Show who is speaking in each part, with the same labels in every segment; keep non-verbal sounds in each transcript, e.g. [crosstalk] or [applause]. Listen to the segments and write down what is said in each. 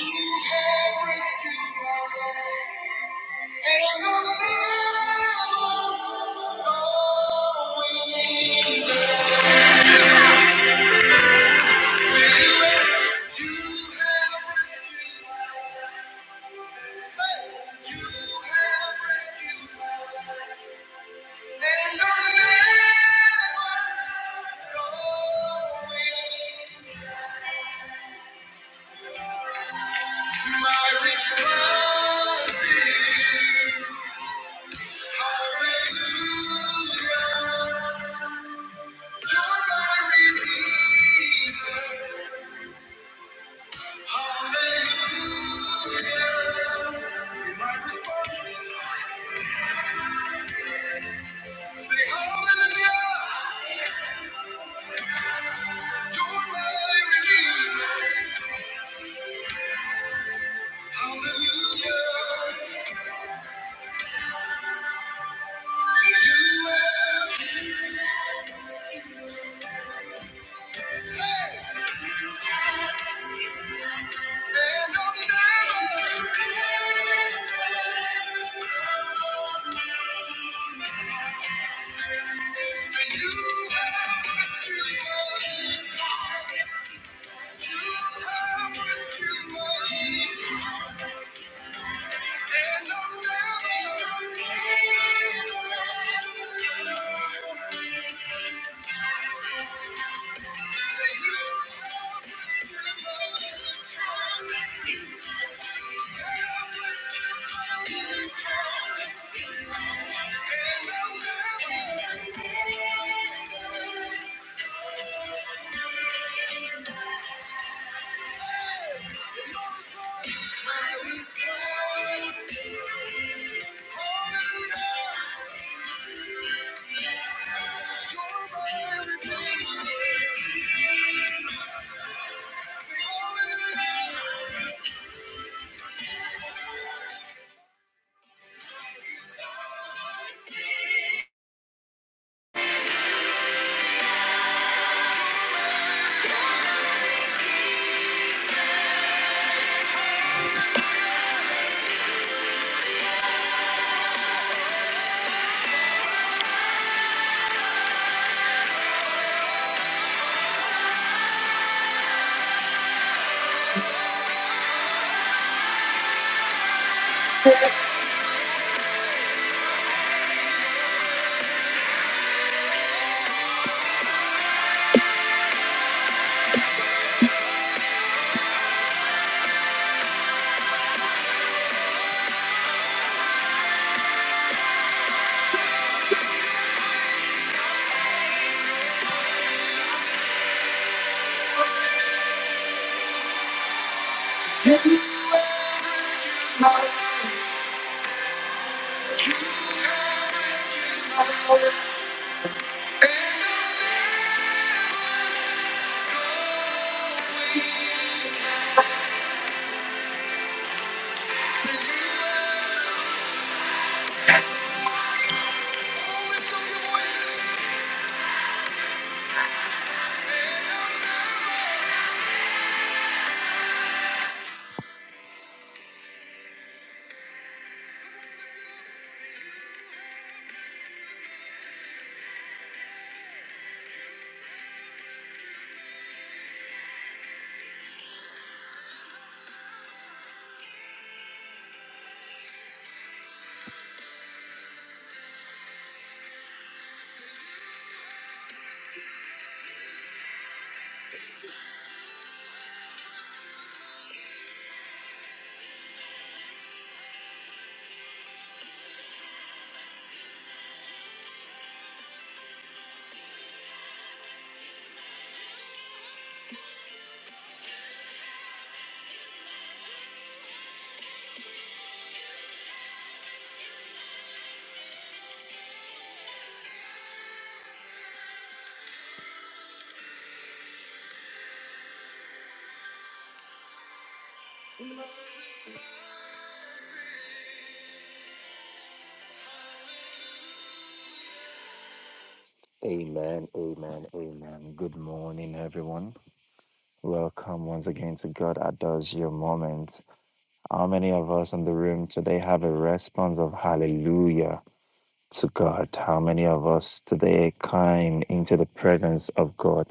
Speaker 1: You have rescued my life. And I My response, hallelujah, joy my redeemer, hallelujah. my response, say hallelujah, joy my redeemer, hallelujah. See you again. Say. Thank you. Hallelujah. Amen, amen, amen. Good morning, everyone. Welcome once again to God Adores Your Moments. How many of us in the room today have a response of hallelujah to God? How many of us today came into the presence of God?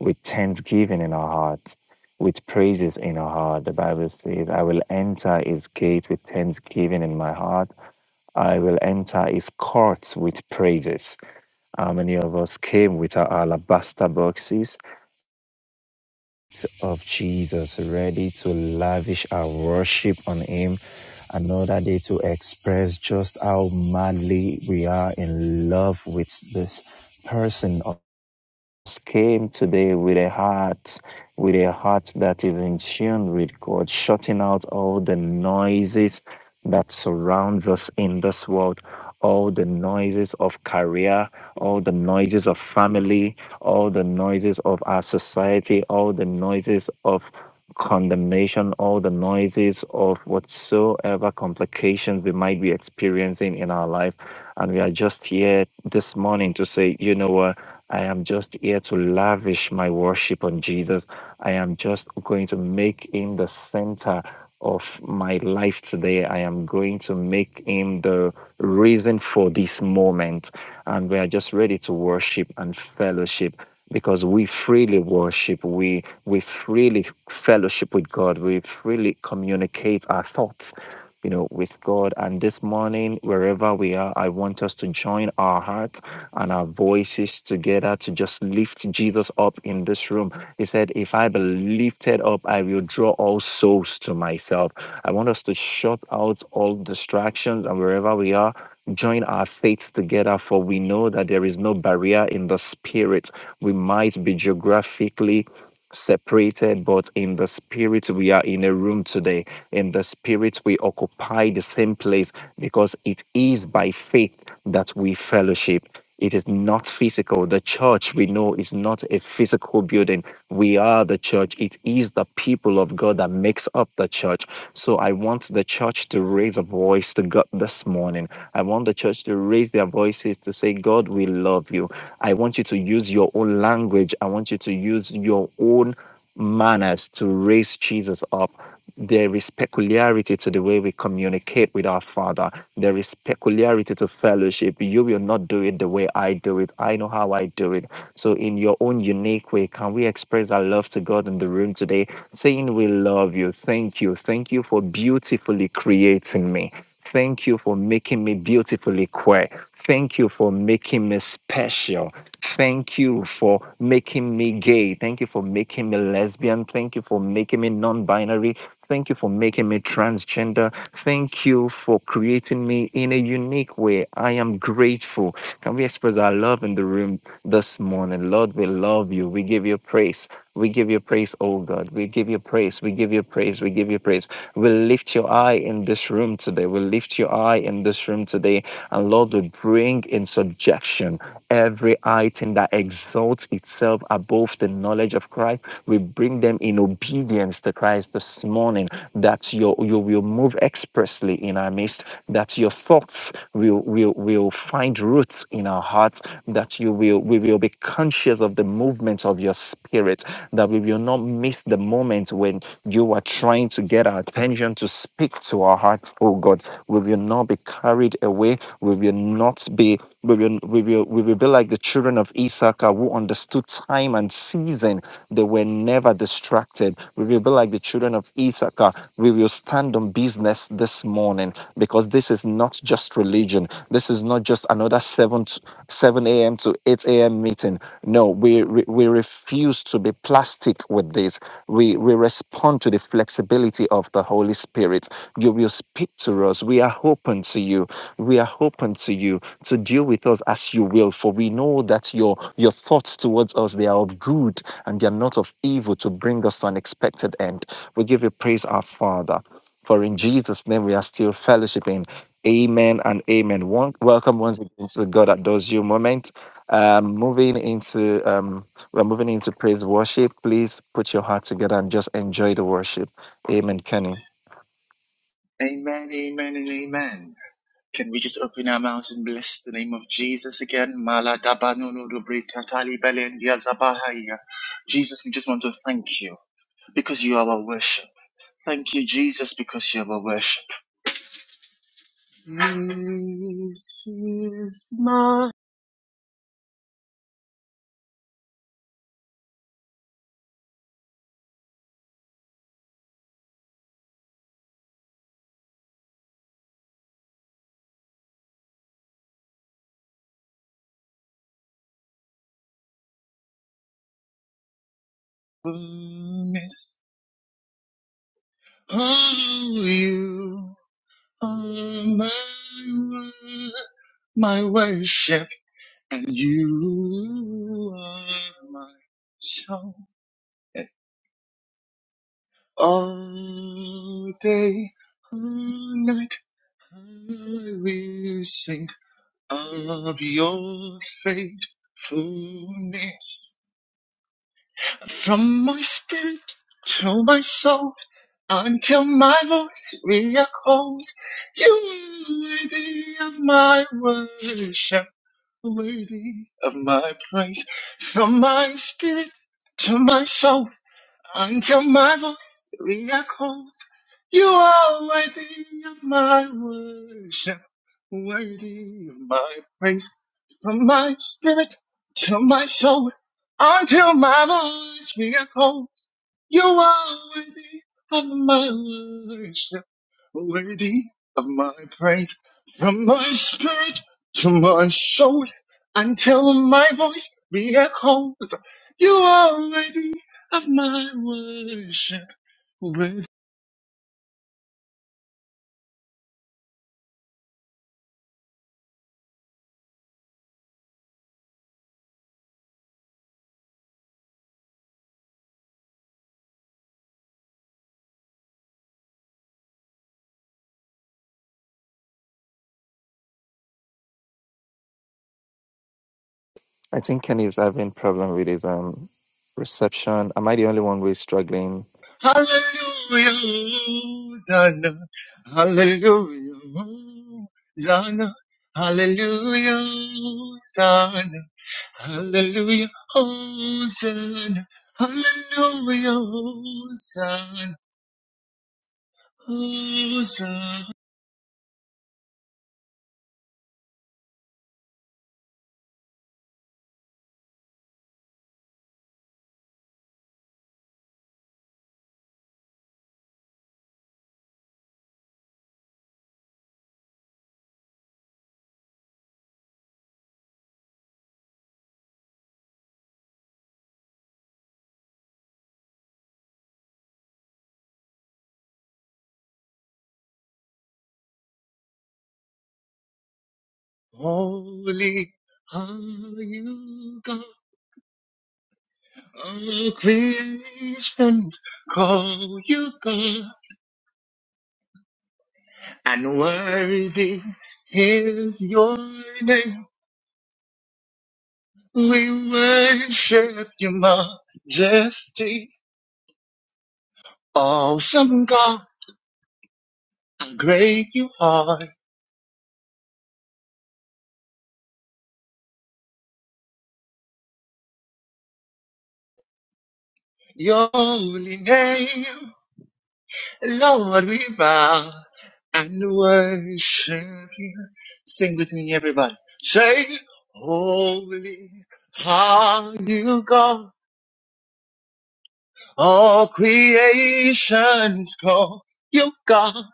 Speaker 1: with thanksgiving in our hearts, with praises in our heart. The Bible says, I will enter his gate with thanksgiving in my heart. I will enter his courts with praises. How many of us came with our alabaster boxes of Jesus ready to lavish our worship on him? Another day to express just how madly we are in love with this person came today with a heart, with a heart that is in tune with God, shutting out all the noises that surrounds us in this world, all the noises of career, all the noises of family, all the noises of our society, all the noises of condemnation, all the noises of whatsoever complications we might be experiencing in our life. And we are just here this morning to say, you know what? I am just here to lavish my worship on Jesus. I am just going to make him the center of my life today. I am going to make him the reason for this moment. And we are just ready to worship and fellowship because we freely worship. We we freely fellowship with God. We freely communicate our thoughts. You know, with God. And this morning, wherever we are, I want us to join our hearts and our voices together to just lift Jesus up in this room. He said, If I be lifted up, I will draw all souls to myself. I want us to shut out all distractions and wherever we are, join our faiths together, for we know that there is no barrier in the spirit. We might be geographically separated, but in the spirit, we are in a room today. In the spirit, we occupy the same place because it is by faith that we fellowship. It is not physical. The church we know is not a physical building. We are the church. It is the people of God that makes up the church. So I want the church to raise a voice to God this morning. I want the church to raise their voices to say, God, we love you. I want you to use your own language. I want you to use your own manners to raise Jesus up. There is peculiarity to the way we communicate with our Father. There is peculiarity to fellowship. You will not do it the way I do it. I know how I do it. So, in your own unique way, can we express our love to God in the room today, saying, We love you. Thank you. Thank you for beautifully creating me. Thank you for making me beautifully queer. Thank you for making me special. Thank you for making me gay. Thank you for making me lesbian. Thank you for making me non binary. Thank you for making me transgender. Thank you for creating me in a unique way. I am grateful. Can we express our love in the room this morning? Lord, we love you. We give you praise. We give you praise, oh God. We give you praise. We give you praise. We give you praise. We lift your eye in this room today. We lift your eye in this room today. And Lord, we bring in subjection every item that exalts itself above the knowledge of Christ. We bring them in obedience to Christ this morning. That your you will move expressly in our midst, that your thoughts will, will, will find roots in our hearts, that you will we will be conscious of the movement of your spirit, that we will not miss the moment when you are trying to get our attention to speak to our hearts, oh God. We will not be carried away. We will not be we will, we will, will, we will be like the children of Issachar who understood time and season. They were never distracted. We will be like the children of Issachar. We will stand on business this morning because this is not just religion. This is not just another 7, t- 7 a.m. to 8 a.m. meeting. No, we, we, we refuse to be plastic with this. We, we respond to the flexibility of the Holy Spirit. You will speak to us. We are open to you. We are open to you to deal with us as you will for we know that your your thoughts towards us they are of good and they are not of evil to bring us to an expected end we give you praise our father for in jesus name we are still fellowshipping amen and amen One, welcome once again to god that does you moment um moving into um we're moving into praise worship please put your heart together and just enjoy the worship amen kenny
Speaker 2: Amen, amen, and amen. Can we just open our mouths and bless the name of Jesus again? Mala dabanolo dobre tatali belendia zabahaya. Jesus, we just want to thank you because you are our worship. Thank you, Jesus, because you are our worship. This is my promise. Oh, you are my, wor- my worship, and you are my song. All day, all night, I will sing of your faithfulness. From my spirit to my soul, until my voice re-echoes, you are worthy of my worship, worthy of my praise. From my spirit to my soul. Until my voice calls, you are worthy of my worship, worthy of my praise, from my spirit to my soul, until my voice calls. You are worthy of my worship, worthy of my praise. From my spirit to my soul, until my voice be echoes. You are worthy of my worship. Worthy.
Speaker 1: i think kenny is having problem with his um reception am i the only one who is struggling
Speaker 2: Hallelujah, Hosanna. Hallelujah, Hosanna. Hallelujah, Hosanna. Hallelujah, Hosanna. Hallelujah, Hosanna. Hosanna. Holy are you, God. All creation call you God. And worthy is your name. We worship your majesty. Awesome God, how great you are. Your holy name Lord, we bow and worship you. Sing with me, everybody. Say, Holy are you, God. All creation's call you, God,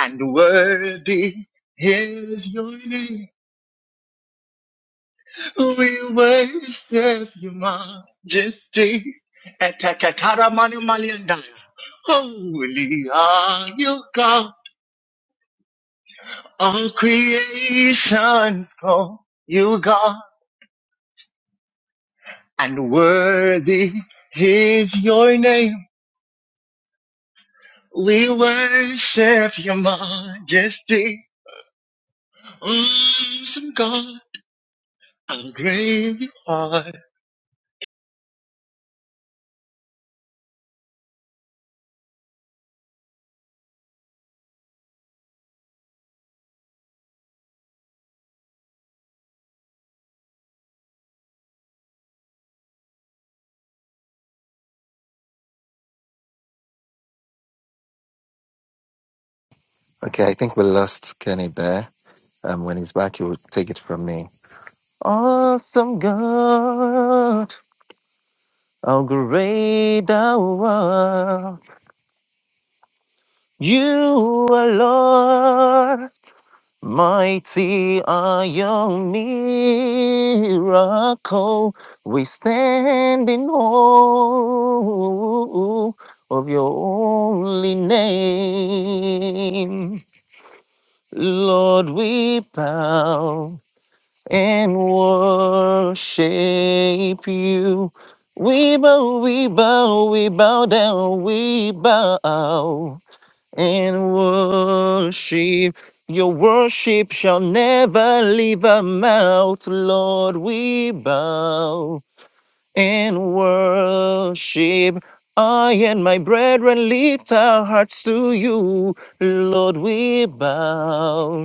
Speaker 2: and worthy is your name. We worship your majesty. Eteketaramaniumaliandaya. Holy are you, God. All creations call you God, and worthy is your name. We worship your majesty, awesome God, how great you are.
Speaker 1: Okay, I think we lost Kenny there. Um, when he's back, he'll take it from me. Awesome God, how great thou art. You are Lord, mighty are your miracle. We stand in awe of your holy name. Lord, we bow. and worship you. We bow, we bow, we bow down, we bow and worship. Your worship shall never leave our mouth, Lord. We bow and worship. I and my brethren lift our hearts to you, Lord. We bow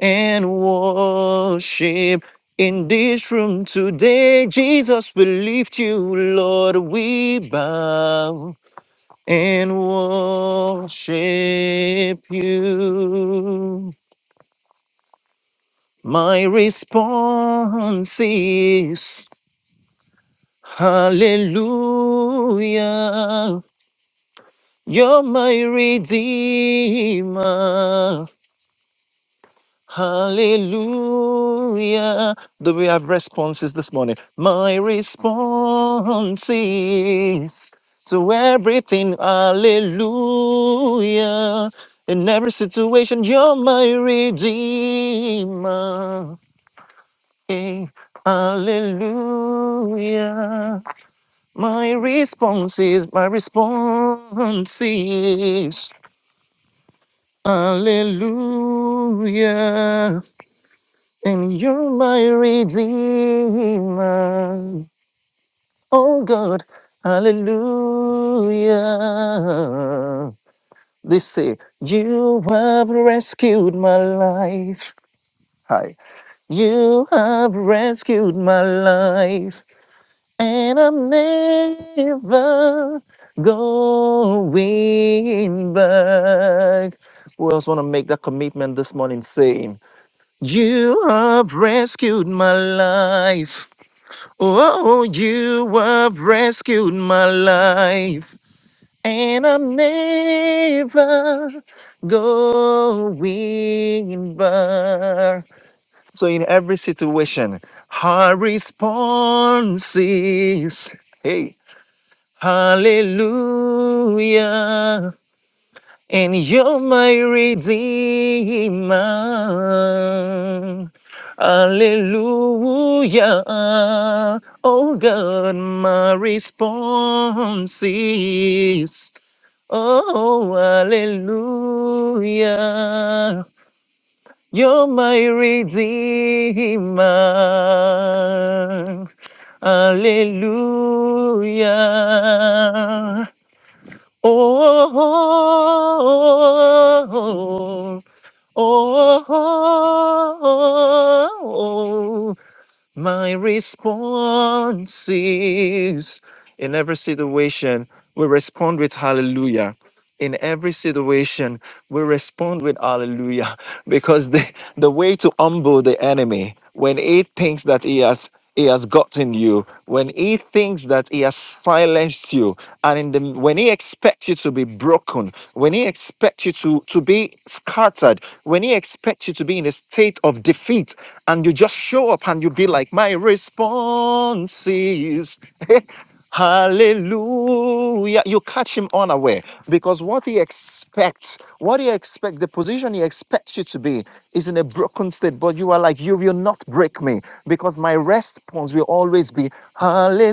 Speaker 1: and worship in this room today. Jesus, we lift you, Lord. We bow and worship you. My response is Hallelujah. You're my Redeemer. Hallelujah. Do we have responses this morning? My response is to everything, hallelujah. In every situation, you're my redeemer. Hey, hallelujah. My response is, my response is, hallelujah. And you're my redeemer. Oh God, hallelujah. They say, You have rescued my life. Hi. You have rescued my life. And I'm never going back. Who else want to make that commitment this morning saying, You have rescued my life. Oh, you have rescued my life, and I'm never going back. So, in every situation, her response is, Hey, Hallelujah and you're my redeemer. Hallelujah. Oh God, my response is, oh, hallelujah. You're my redeemer. Hallelujah. Oh, oh, oh, oh, oh, my response is in every situation, we respond with hallelujah. In every situation, we respond with hallelujah [laughs] because the, the way to humble the enemy when he thinks that he has he has gotten you when he thinks that he has silenced you and in the when he expects you to be broken when he expects you to to be scattered when he expects you to be in a state of defeat and you just show up and you be like, My response is [laughs] hallelujah. You catch him unaware because what he expects, what he expects, the position he expects you to be is in a broken state, but you are like, You will not break me because my response will always be hallelujah.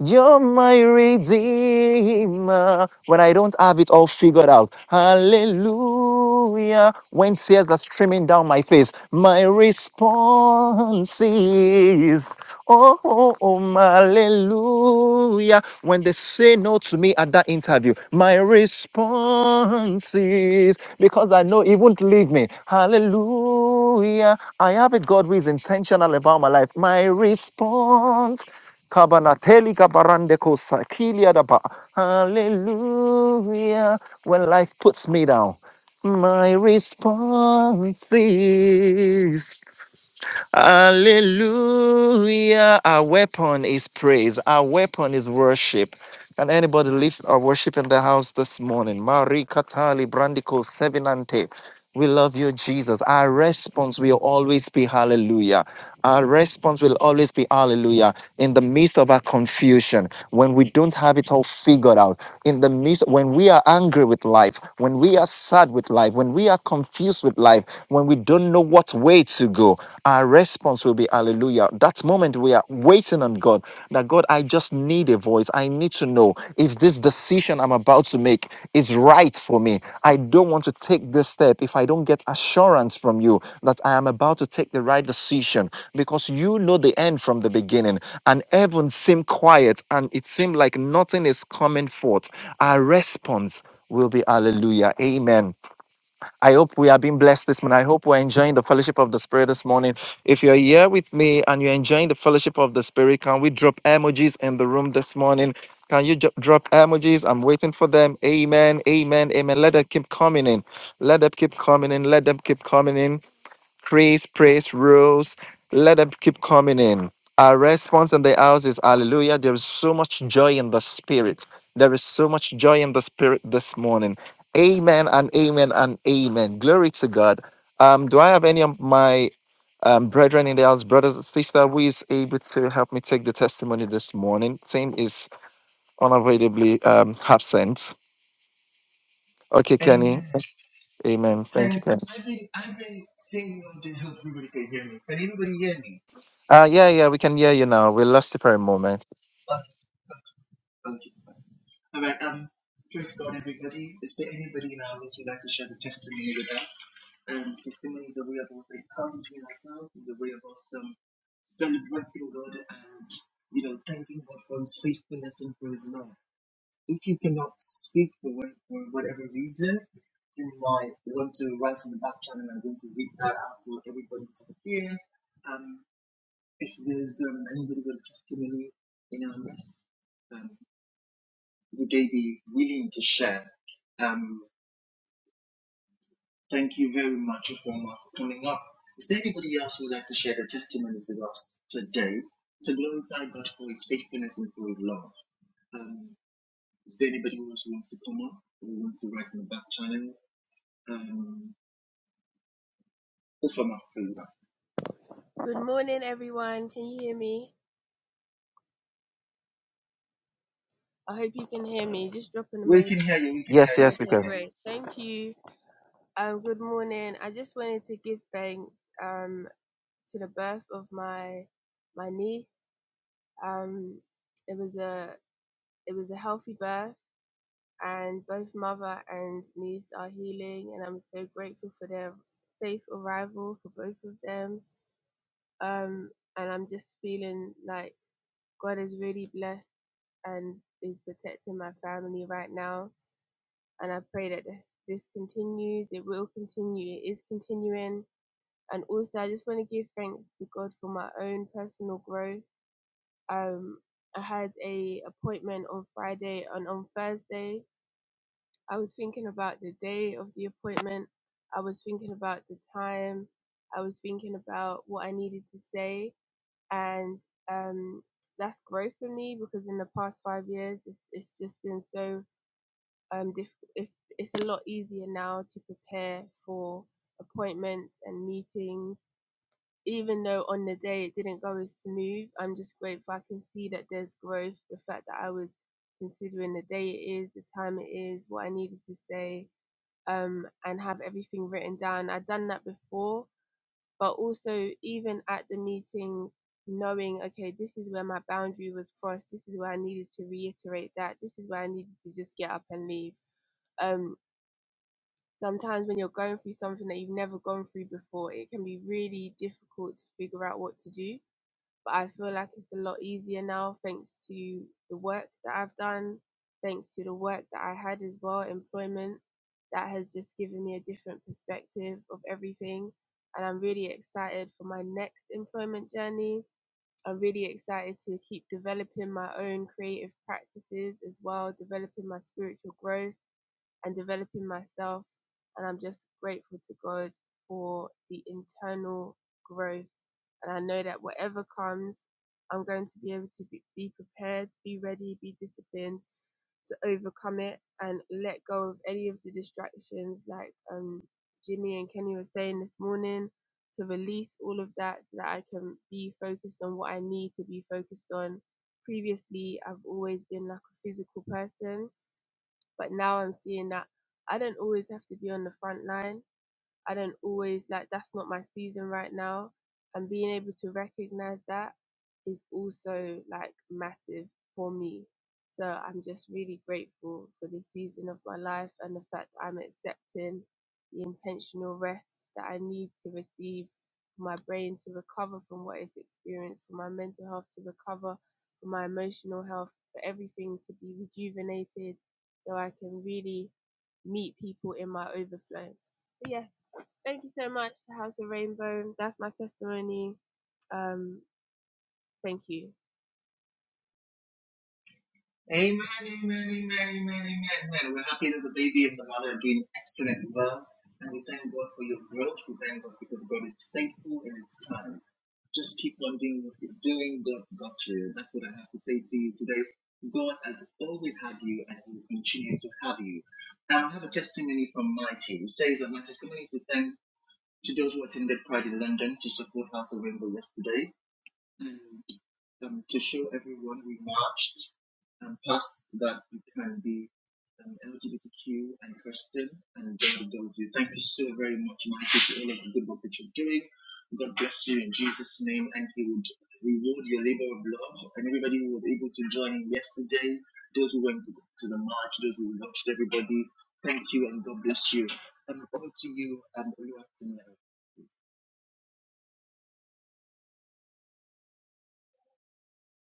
Speaker 1: You're my redeemer. When I don't have it all figured out. Hallelujah. When tears are streaming down my face, my response is, oh, oh, oh, hallelujah. When they say no to me at that interview, my response is, because I know he won't leave me. Hallelujah. I have it God who is intentional about my life. My response Kabanateli kabarandeko sakilia daba. Hallelujah. When life puts me down, my response is Hallelujah. Our weapon is praise. Our weapon is worship. Can anybody lift our worship in the house this morning? Marie Katali Brandico Sevenante. We love you, Jesus. Our response will always be hallelujah. Our response will always be hallelujah in the midst of our confusion when we don't have it all figured out in the midst when we are angry with life, when we are sad with life, when we are confused with life, when we don't know what way to go, our response will be hallelujah. That moment we are waiting on God that God, I just need a voice. I need to know if this decision I'm about to make is right for me. I don't want to take this step if I don't get assurance from you that I am about to take the right decision because you know the end from the beginning. And heaven seemed quiet and it seemed like nothing is coming forth our response will be hallelujah. Amen. I hope we are being blessed this morning. I hope we're enjoying the fellowship of the Spirit this morning. If you're here with me and you're enjoying the fellowship of the Spirit, can we drop emojis in the room this morning? Can you ju- drop emojis? I'm waiting for them. Amen. Amen. Amen. Let them keep coming in. Let them keep coming in. Let them keep coming in. Praise, praise, rules. Let them keep coming in. Our response in the house is hallelujah. There is so much joy in the spirit. There is so much joy in the spirit this morning. Amen and amen and amen. Glory to God. Um, do I have any of my um, brethren in the house, brothers and sister, who is able to help me take the testimony this morning? Tim is unavoidably um, absent. Okay, Kenny.
Speaker 2: Amen.
Speaker 1: Amen. Thank you,
Speaker 2: Can
Speaker 1: Kenny.
Speaker 2: I've been I've been singing all day. Hope everybody can hear me. Can anybody hear me?
Speaker 1: Uh, yeah, yeah, we can hear you now. We lost you for a moment.
Speaker 2: Okay, okay. All right. Um. Praise God, everybody. Is there anybody in our midst who'd like to share the testimony with us? Um. testimony is a way of us encouraging ourselves. Is a way of us um, celebrating God and you know thanking God for His faithfulness and for His love. If you cannot speak for, what, for whatever reason, you might want to write in the back channel. I'm going to read that out for everybody to hear. Um, if there's um, anybody with a testimony in our midst, um, would they be willing to share? Um, thank you very much, Ofonwa, for coming up. Is there anybody else who would like to share their testimonies with us today to glorify God for his faithfulness and for his love? Um, is there anybody who else who wants to come up or who wants to write in the back channel? Um, Ofonwa, please.
Speaker 3: Good morning, everyone. Can you hear me? I hope you can hear me. Just drop an
Speaker 2: we
Speaker 3: emoji.
Speaker 2: can hear you, we can
Speaker 1: Yes,
Speaker 2: hear you.
Speaker 1: yes, we
Speaker 3: Okay,
Speaker 1: can.
Speaker 3: great. Thank you. Um, good morning. I just wanted to give thanks um, to the birth of my my niece. Um, it was a it was a healthy birth, and both mother and niece are healing, and I'm so grateful for their safe arrival for both of them. Um, and I'm just feeling like God is really blessed and is protecting my family right now. And I pray that this, this continues. It will continue. It is continuing. And also, I just want to give thanks to God for my own personal growth. Um, I had a appointment on Friday, and on Thursday, I was thinking about the day of the appointment. I was thinking about the time. I was thinking about what I needed to say and um, that's growth for me because in the past five years, it's, it's just been so um, diff- it's it's a lot easier now to prepare for appointments and meetings. Even though on the day it didn't go as smooth, I'm just grateful I can see that there's growth. The fact that I was considering the day it is, the time it is, what I needed to say, um, and have everything written down. I'd done that before, but also even at the meeting knowing okay this is where my boundary was crossed this is where i needed to reiterate that this is where i needed to just get up and leave um sometimes when you're going through something that you've never gone through before it can be really difficult to figure out what to do but I feel like it's a lot easier now thanks to the work that I've done, thanks to the work that I had as well, employment that has just given me a different perspective of everything. And I'm really excited for my next employment journey. I'm really excited to keep developing my own creative practices as well, developing my spiritual growth and developing myself. And I'm just grateful to God for the internal growth and I know that whatever comes, I'm going to be able to be, be prepared, be ready, be disciplined to overcome it and let go of any of the distractions, like um, Jimmy and Kenny were saying this morning, to release all of that so that I can be focused on what I need to be focused on. Previously, I've always been like a physical person, but now I'm seeing that I don't always have to be on the front line I don't always like that's not my season right now. And being able to recognize that is also like massive for me. So I'm just really grateful for this season of my life and the fact that I'm accepting the intentional rest that I need to receive for my brain to recover from what it's experienced, for my mental health to recover, for my emotional health, for everything to be rejuvenated so I can really meet people in my overflow. But yeah, Thank you so much, to House of Rainbow. That's my testimony. Um, thank you.
Speaker 2: Amen, amen, amen, amen, amen, amen. We're happy that the baby and the mother are doing excellent well. And we thank God for your growth. We thank God because God is faithful and is kind. Just keep on doing what you're doing. God got you. That's what I have to say to you today. God has always had you and he will continue to have you. Now, I have a testimony from Mikey. It says that my testimony is to thank to those who attended Pride in London to support House of Rainbow yesterday and um, to show everyone we marched um, past that you can be um, LGBTQ and Christian and God loves you. Thank you so very much, Michael, for all of the good work that you're doing. God bless you in Jesus' name, and He would reward your labor of love. And everybody who was able to join in yesterday, those who went to, to the march, those who watched everybody, thank you and God bless you. And over to you, um, Oluwatimilaya.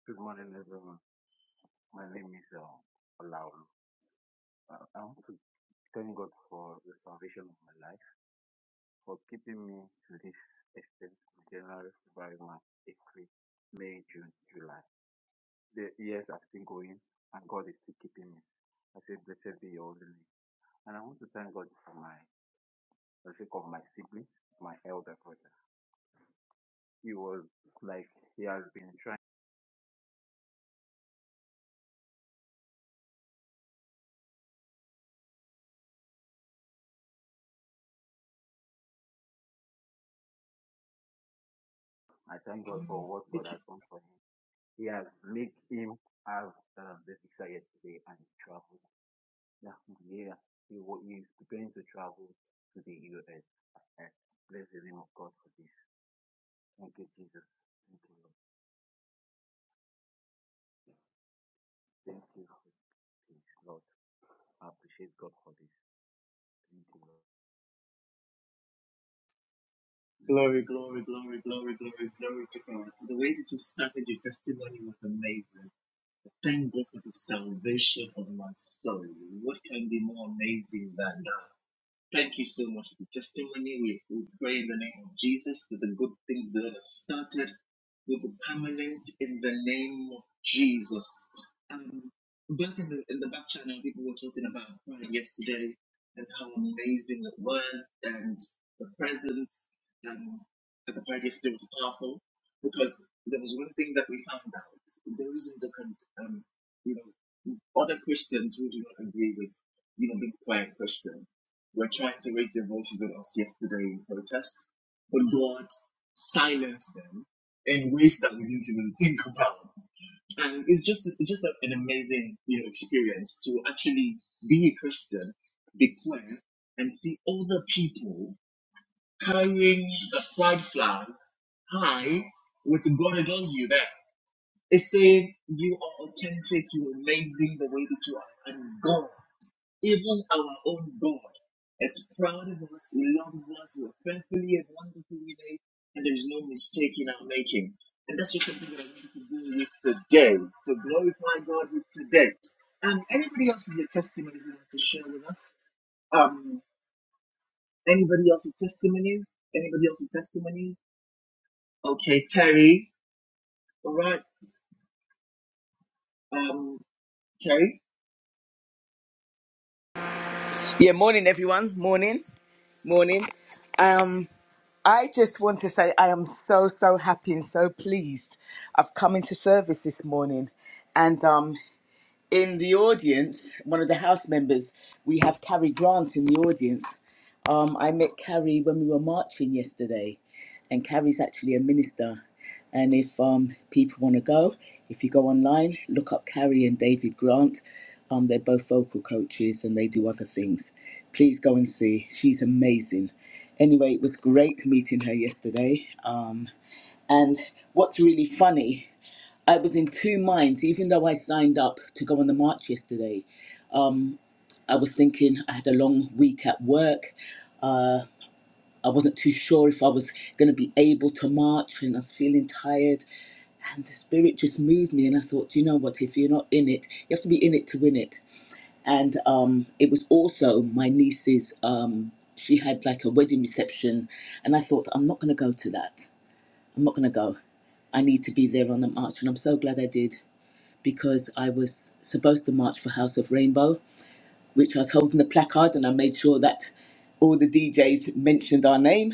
Speaker 4: Good morning, everyone. My name is um, Olaolu. Uh, I want to thank God for the salvation of my life, for keeping me to this extent from January, February, March, April, May, June, July. The years are still going, and God is still keeping me. I say, blessed be your holy name. And I want to thank God for my, the sake of my siblings, my elder brother. He was like, he has been trying. I thank God for what God has done for him. He has made him have um, the visa yesterday and he traveled. Now from here, he wa- he is preparing to travel to the US. And bless the name of God for this. Thank you, Jesus. Thank you, Lord. Thank you for this, Lord. I appreciate God for this. Thank you, Lord.
Speaker 2: Glory, glory, glory, glory, glory, glory to God. The way that you started your testimony was amazing. Thank God for the salvation of my soul. What can be more amazing than that? Thank you so much for the testimony. We, we pray in the name of Jesus that the good things the Lord has started will be permanent in the name of Jesus. Um, back in the, in the back channel, people were talking about prayer yesterday and how amazing it was, and the presence um, at the prayer yesterday was powerful because there was one thing that we found out. There is a different, um, you know, other Christians who do not agree with, you know, being quiet Christians were trying to raise their voices with us yesterday in protest, but God silenced them in ways that we didn't even think about. And it's just it's just an amazing you know experience to actually be a Christian, be queer, and see other people carrying the pride flag high with God adores you there. It's saying you are authentic, you're amazing the way that you are, and God even our own God, as proud of us, He loves us, we're perfectly and wonderfully made, and there's no mistake in our making. And that's just something that I wanted to do with today, to glorify God with today. Um, anybody else with a testimony who wants to share with us? Um, anybody else with testimonies? Anybody else with testimonies? Okay, Terry. All right. Um, Terry.
Speaker 5: Yeah, morning everyone. Morning, morning. Um, I just want to say I am so so happy and so pleased. I've come into service this morning, and um, in the audience, one of the house members, we have Carrie Grant in the audience. Um, I met Carrie when we were marching yesterday, and Carrie's actually a minister. And if um, people want to go, if you go online, look up Carrie and David Grant. Um, they're both vocal coaches and they do other things. Please go and see. She's amazing. Anyway, it was great meeting her yesterday. Um, and what's really funny I was in two minds, even though I signed up to go on the march yesterday. Um, I was thinking I had a long week at work. Uh, I wasn't too sure if I was going to be able to march, and I was feeling tired. And the spirit just moved me, and I thought, you know what? If you're not in it, you have to be in it to win it. And um, it was also my niece's. Um, she had like a wedding reception, and I thought, I'm not going to go to that. I'm not going to go. I need to be there on the march, and I'm so glad I did because I was supposed to march for House of Rainbow, which I was holding the placard and I made sure that all the DJs mentioned our name.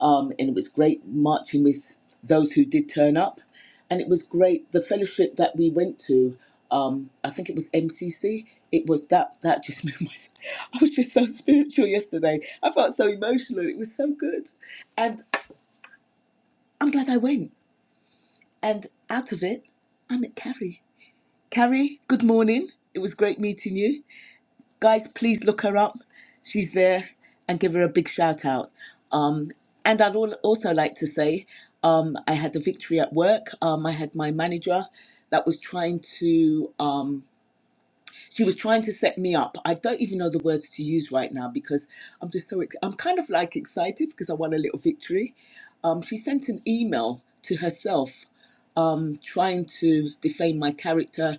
Speaker 5: Um, and it was great marching with those who did turn up. And it was great, the fellowship that we went to, um, I think it was MCC, it was that, that just [laughs] made my, I was just so spiritual yesterday. I felt so emotional. It was so good. And I'm glad I went. And out of it, I met Carrie. Carrie, good morning. It was great meeting you. guys, please look her up. She's there and give her a big shout out. Um, and I'd al- also like to say um, I had a victory at work. Um, I had my manager that was trying to. Um, she was trying to set me up. I don't even know the words to use right now because I'm just so ex- I'm kind of like excited because I won a little victory. Um, she sent an email to herself, um, trying to defame my character.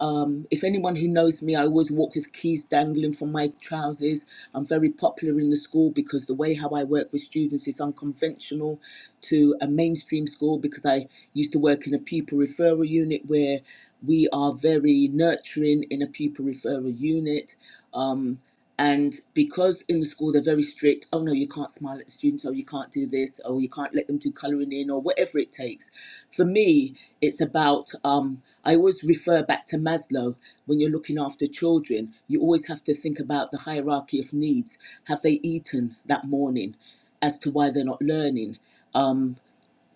Speaker 5: Um, if anyone who knows me, I always walk with keys dangling from my trousers. I'm very popular in the school because the way how I work with students is unconventional to a mainstream school because I used to work in a pupil referral unit where we are very nurturing in a pupil referral unit. Um, and because in the school they're very strict, oh no, you can't smile at the student, oh you can't do this, Oh, you can't let them do colouring in, or whatever it takes. For me, it's about, um, I always refer back to Maslow when you're looking after children, you always have to think about the hierarchy of needs. Have they eaten that morning as to why they're not learning? um.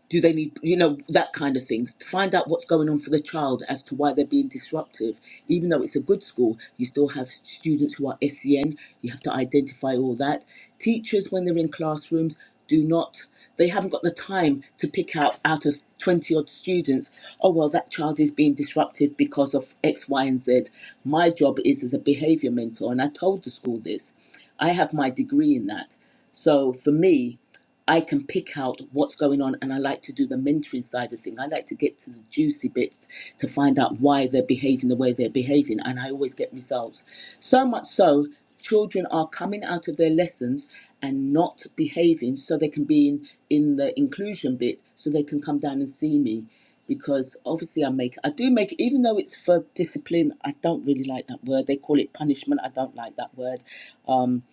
Speaker 5: Do they need, you know, that kind of thing? Find out what's going on for the child as to why they're being disruptive. Even though it's a good school, you still have students who are S.E.N. You have to identify all that. Teachers, when they're in classrooms, do not, they haven't got the time to pick out out of 20 odd students, oh, well, that child is being disruptive because of X, Y, and Z. My job is as a behavior mentor, and I told the school this. I have my degree in that. So for me, I can pick out what's going on, and I like to do the mentoring side of thing. I like to get to the juicy bits to find out why they're behaving the way they're behaving, and I always get results. So much so, children are coming out of their lessons and not behaving, so they can be in in the inclusion bit, so they can come down and see me, because obviously I make I do make even though it's for discipline, I don't really like that word. They call it punishment. I don't like that word. Um,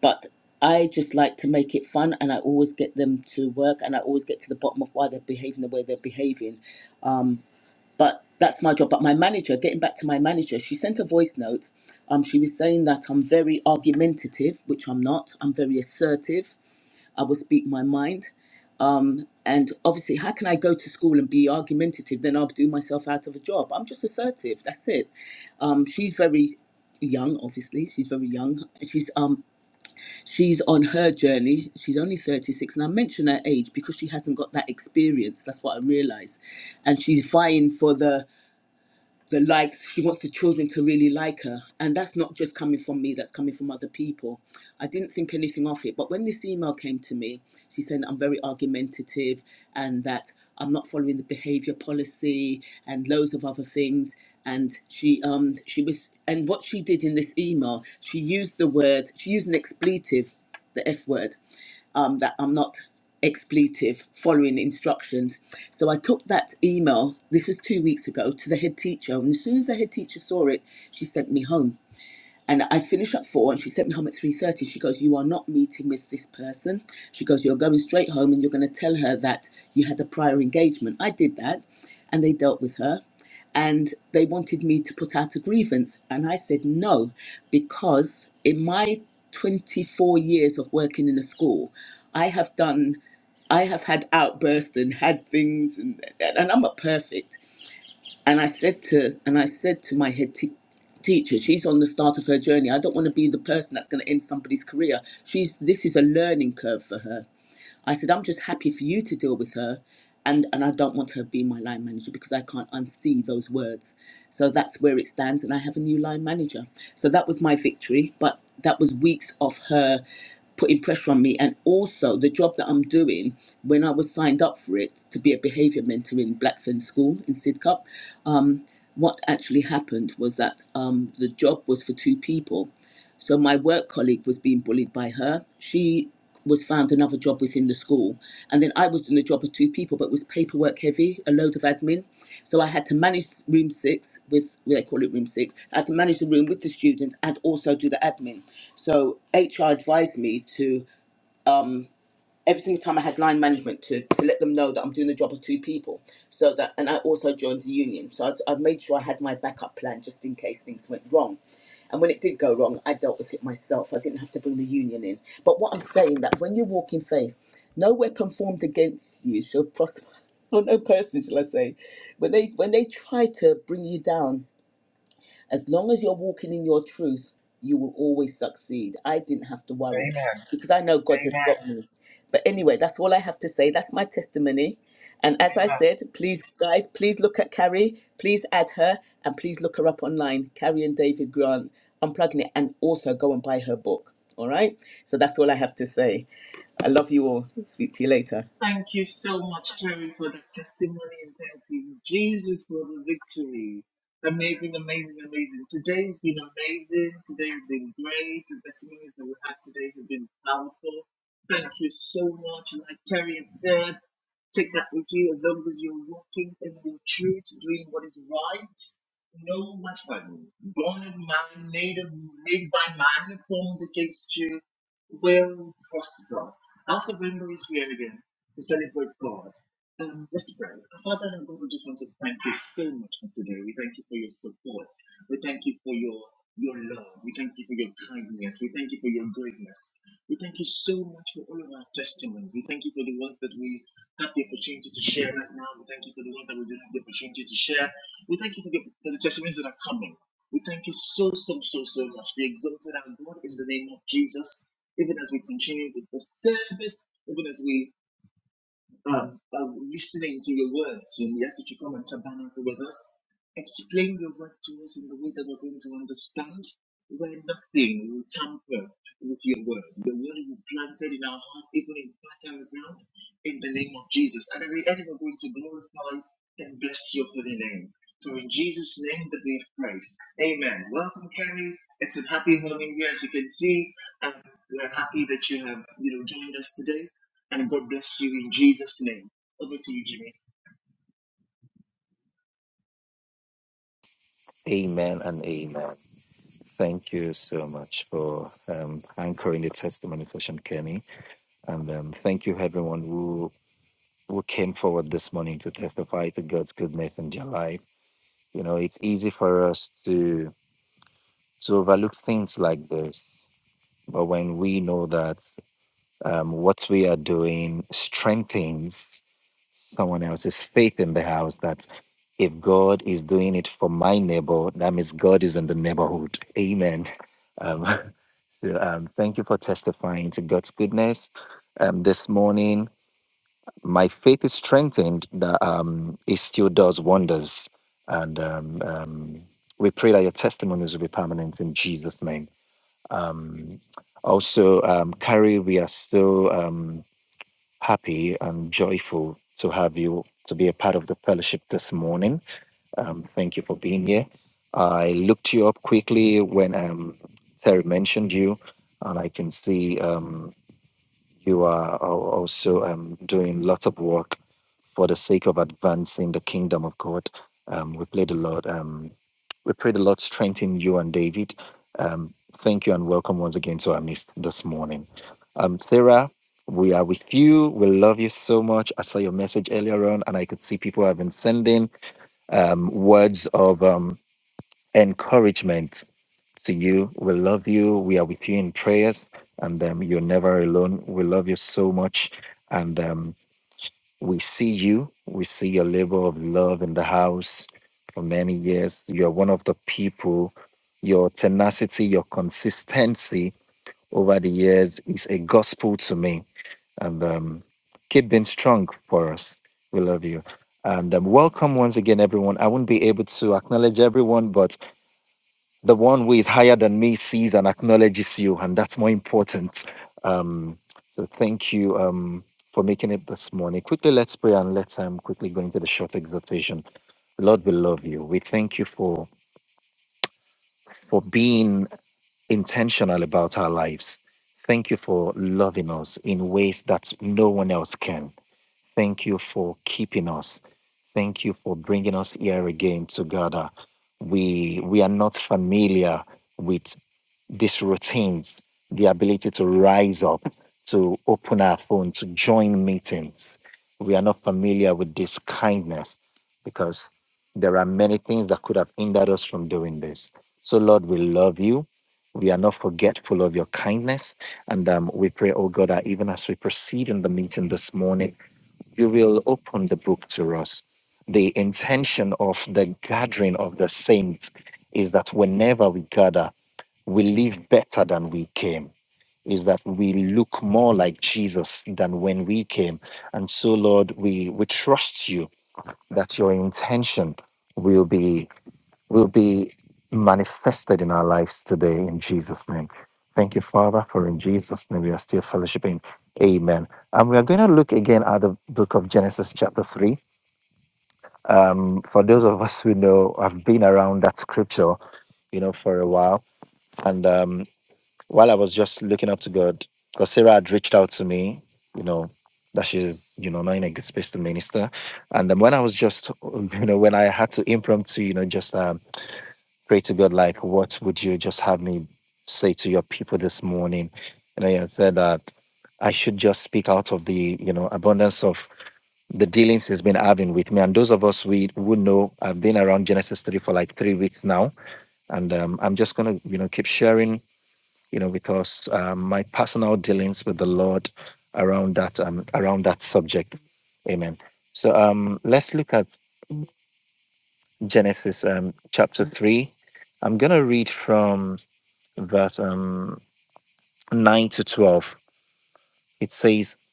Speaker 5: but. I just like to make it fun, and I always get them to work, and I always get to the bottom of why they're behaving the way they're behaving. Um, but that's my job. But my manager, getting back to my manager, she sent a voice note. Um, she was saying that I'm very argumentative, which I'm not. I'm very assertive. I will speak my mind. Um, and obviously, how can I go to school and be argumentative? Then I'll do myself out of a job. I'm just assertive. That's it. Um, she's very young, obviously. She's very young. She's um She's on her journey. She's only 36. And I mention her age because she hasn't got that experience. That's what I realized. And she's vying for the the likes. He wants the children to really like her. And that's not just coming from me, that's coming from other people. I didn't think anything of it. But when this email came to me, she said I'm very argumentative and that I'm not following the behavior policy and loads of other things. And she um she was and what she did in this email, she used the word, she used an expletive, the F word um, that I'm not expletive following instructions. So I took that email, this was two weeks ago, to the head teacher. And as soon as the head teacher saw it, she sent me home. And I finished at four, and she sent me home at three thirty. She goes, "You are not meeting with this person." She goes, "You're going straight home, and you're going to tell her that you had a prior engagement." I did that, and they dealt with her, and they wanted me to put out a grievance, and I said no, because in my 24 years of working in a school, I have done, I have had outbursts and had things, and and I'm not perfect and I said to and I said to my head te- teacher, she's on the start of her journey. I don't want to be the person that's going to end somebody's career. She's this is a learning curve for her. I said, I'm just happy for you to deal with her. And, and I don't want her to be my line manager because I can't unsee those words. So that's where it stands. And I have a new line manager. So that was my victory. But that was weeks of her putting pressure on me. And also, the job that I'm doing, when I was signed up for it to be a behavior mentor in Blackfen School in Sidcup, um, what actually happened was that um, the job was for two people so my work colleague was being bullied by her. She was found another job within the school. And then I was doing a job of two people, but it was paperwork heavy, a load of admin. So I had to manage room six with, well, they call it room six. I had to manage the room with the students and also do the admin. So HR advised me to, um, every single time I had line management to, to let them know that I'm doing the job of two people. So that, and I also joined the union. So I'd, I made sure I had my backup plan just in case things went wrong. And when it did go wrong, I dealt with it myself. I didn't have to bring the union in. But what I'm saying that when you walk in faith, no weapon formed against you shall prosper. [laughs] Or no person, shall I say, when they when they try to bring you down, as long as you're walking in your truth, you will always succeed. I didn't have to worry because I know God has
Speaker 2: Amen.
Speaker 5: got me. But anyway, that's all I have to say. That's my testimony. And as I said, please, guys, please look at Carrie, please add her, and please look her up online. Carrie and David Grant, unplugging it, and also go and buy her book. All right? So that's all I have to say. I love you all. Speak to you later.
Speaker 2: Thank you so much, Terry, for that testimony and thank you, Jesus, for the victory. Amazing, amazing, amazing. Today's been amazing. Today has been great. The testimonies that we had today have been powerful. Thank you so much. Like Terry has said, Take that with you as long as you're walking in the truth, doing what is right. No matter, born of man, made of made by man, formed against you will prosper. House of Rainbow is here again to celebrate God. Um, Mr. Brown, Father and God, we just want to thank you so much for today. We thank you for your support. We thank you for your your love. We thank you for your kindness. We thank you for your greatness. We thank you so much for all of our testimonies. We thank you for the ones that we have the opportunity to share right now. We thank you for the ones that we do not have the opportunity to share. We thank you for the, for the testimonies that are coming. We thank you so, so, so, so much. Be exalted, our God, in the name of Jesus. Even as we continue with the service, even as we um, uh, listening to your words, and we ask that you come and tabernacle with us. Explain your word to us in the way that we're going to understand, where nothing will tamper with your word. The word you planted in our hearts, even in fertile ground, in the name of Jesus. And every end we're going to glorify and bless your holy name. So in Jesus' name that we have prayed. Amen. Welcome, Carrie. It's a happy Halloween year, as you can see. And we're happy that you have, you know, joined us today and God bless you in Jesus' name. Over to you, Jimmy.
Speaker 1: Amen and amen. Thank you so much for um, anchoring the testimony session, Kenny. And um, thank you, everyone who who came forward this morning to testify to God's goodness in their life. You know, it's easy for us to to overlook things like this, but when we know that um, what we are doing strengthens someone else's faith in the house, that if God is doing it for my neighbor, that means God is in the neighborhood. Amen. Um, [laughs] Um, thank you for testifying to God's goodness um, this morning. My faith is strengthened that um, it still does wonders. And um, um, we pray that your testimonies will be permanent in Jesus' name. Um, also, um, Carrie, we are so um, happy and joyful to have you to be a part of the fellowship this morning. Um, thank you for being here. I looked you up quickly when um, Terry mentioned you, and I can see um, you are al- also um, doing lots of work for the sake of advancing the kingdom of God. Um, we pray a lot. Um, we prayed a lot, strengthening you and David. Um, thank you and welcome once again to our midst this morning. Um, Sarah, we are with you. We love you so much. I saw your message earlier on, and I could see people have been sending um, words of um, encouragement to you. We love you. We are with you in prayers, and um, you're never alone. We love you so much, and um, we see you. We see your labor of love in the house for many years. You're one of the people. Your tenacity, your consistency over the years is a gospel to me and um, keep being strong for us. We love you. And um, welcome once again, everyone. I won't be able to acknowledge everyone, but the one who is higher than me sees and acknowledges you, and that's more important. Um, so thank you um, for making it this morning. Quickly, let's pray and let's um, quickly go into the short exhortation. Lord, we love you. We thank you for for being intentional about our lives. Thank you for loving us in ways that no one else can. Thank you for keeping us. Thank you for bringing us here again together. We we are not familiar with these routines, the ability to rise up, to open our phone, to join meetings. We are not familiar with this kindness because there are many things that could have hindered us from doing this. So Lord, we love you. We are not forgetful of your kindness. And um, we pray, oh God, that even as we proceed in the meeting this morning, you will open the book to us. The intention of the gathering of the saints is that whenever we gather, we live better than we came. Is that we look more like Jesus than when we came. And so, Lord, we, we trust you that your intention will be will be manifested in our lives today in Jesus' name. Thank you, Father, for in Jesus' name we are still fellowshipping. Amen. And we are going to look again at the book of Genesis, chapter 3. Um, for those of us who know, I've been around that scripture, you know, for a while. And um, while I was just looking up to God, because Sarah had reached out to me, you know, that she's, you know, not in a good space to minister. And then when I was just, [laughs] you know, when I had to impromptu, you know, just um, pray to God, like, what would you just have me say to your people this morning? And I said that I should just speak out of the, you know, abundance of the dealings he's been having with me. And those of us we who know, I've been around Genesis 3 for like three weeks now. And um, I'm just going to, you know, keep sharing, you know, with us um, my personal dealings with the Lord around that, um, around that subject. Amen. So um, let's look at Genesis um, chapter 3. I'm going to read from verse um, 9 to 12. It says,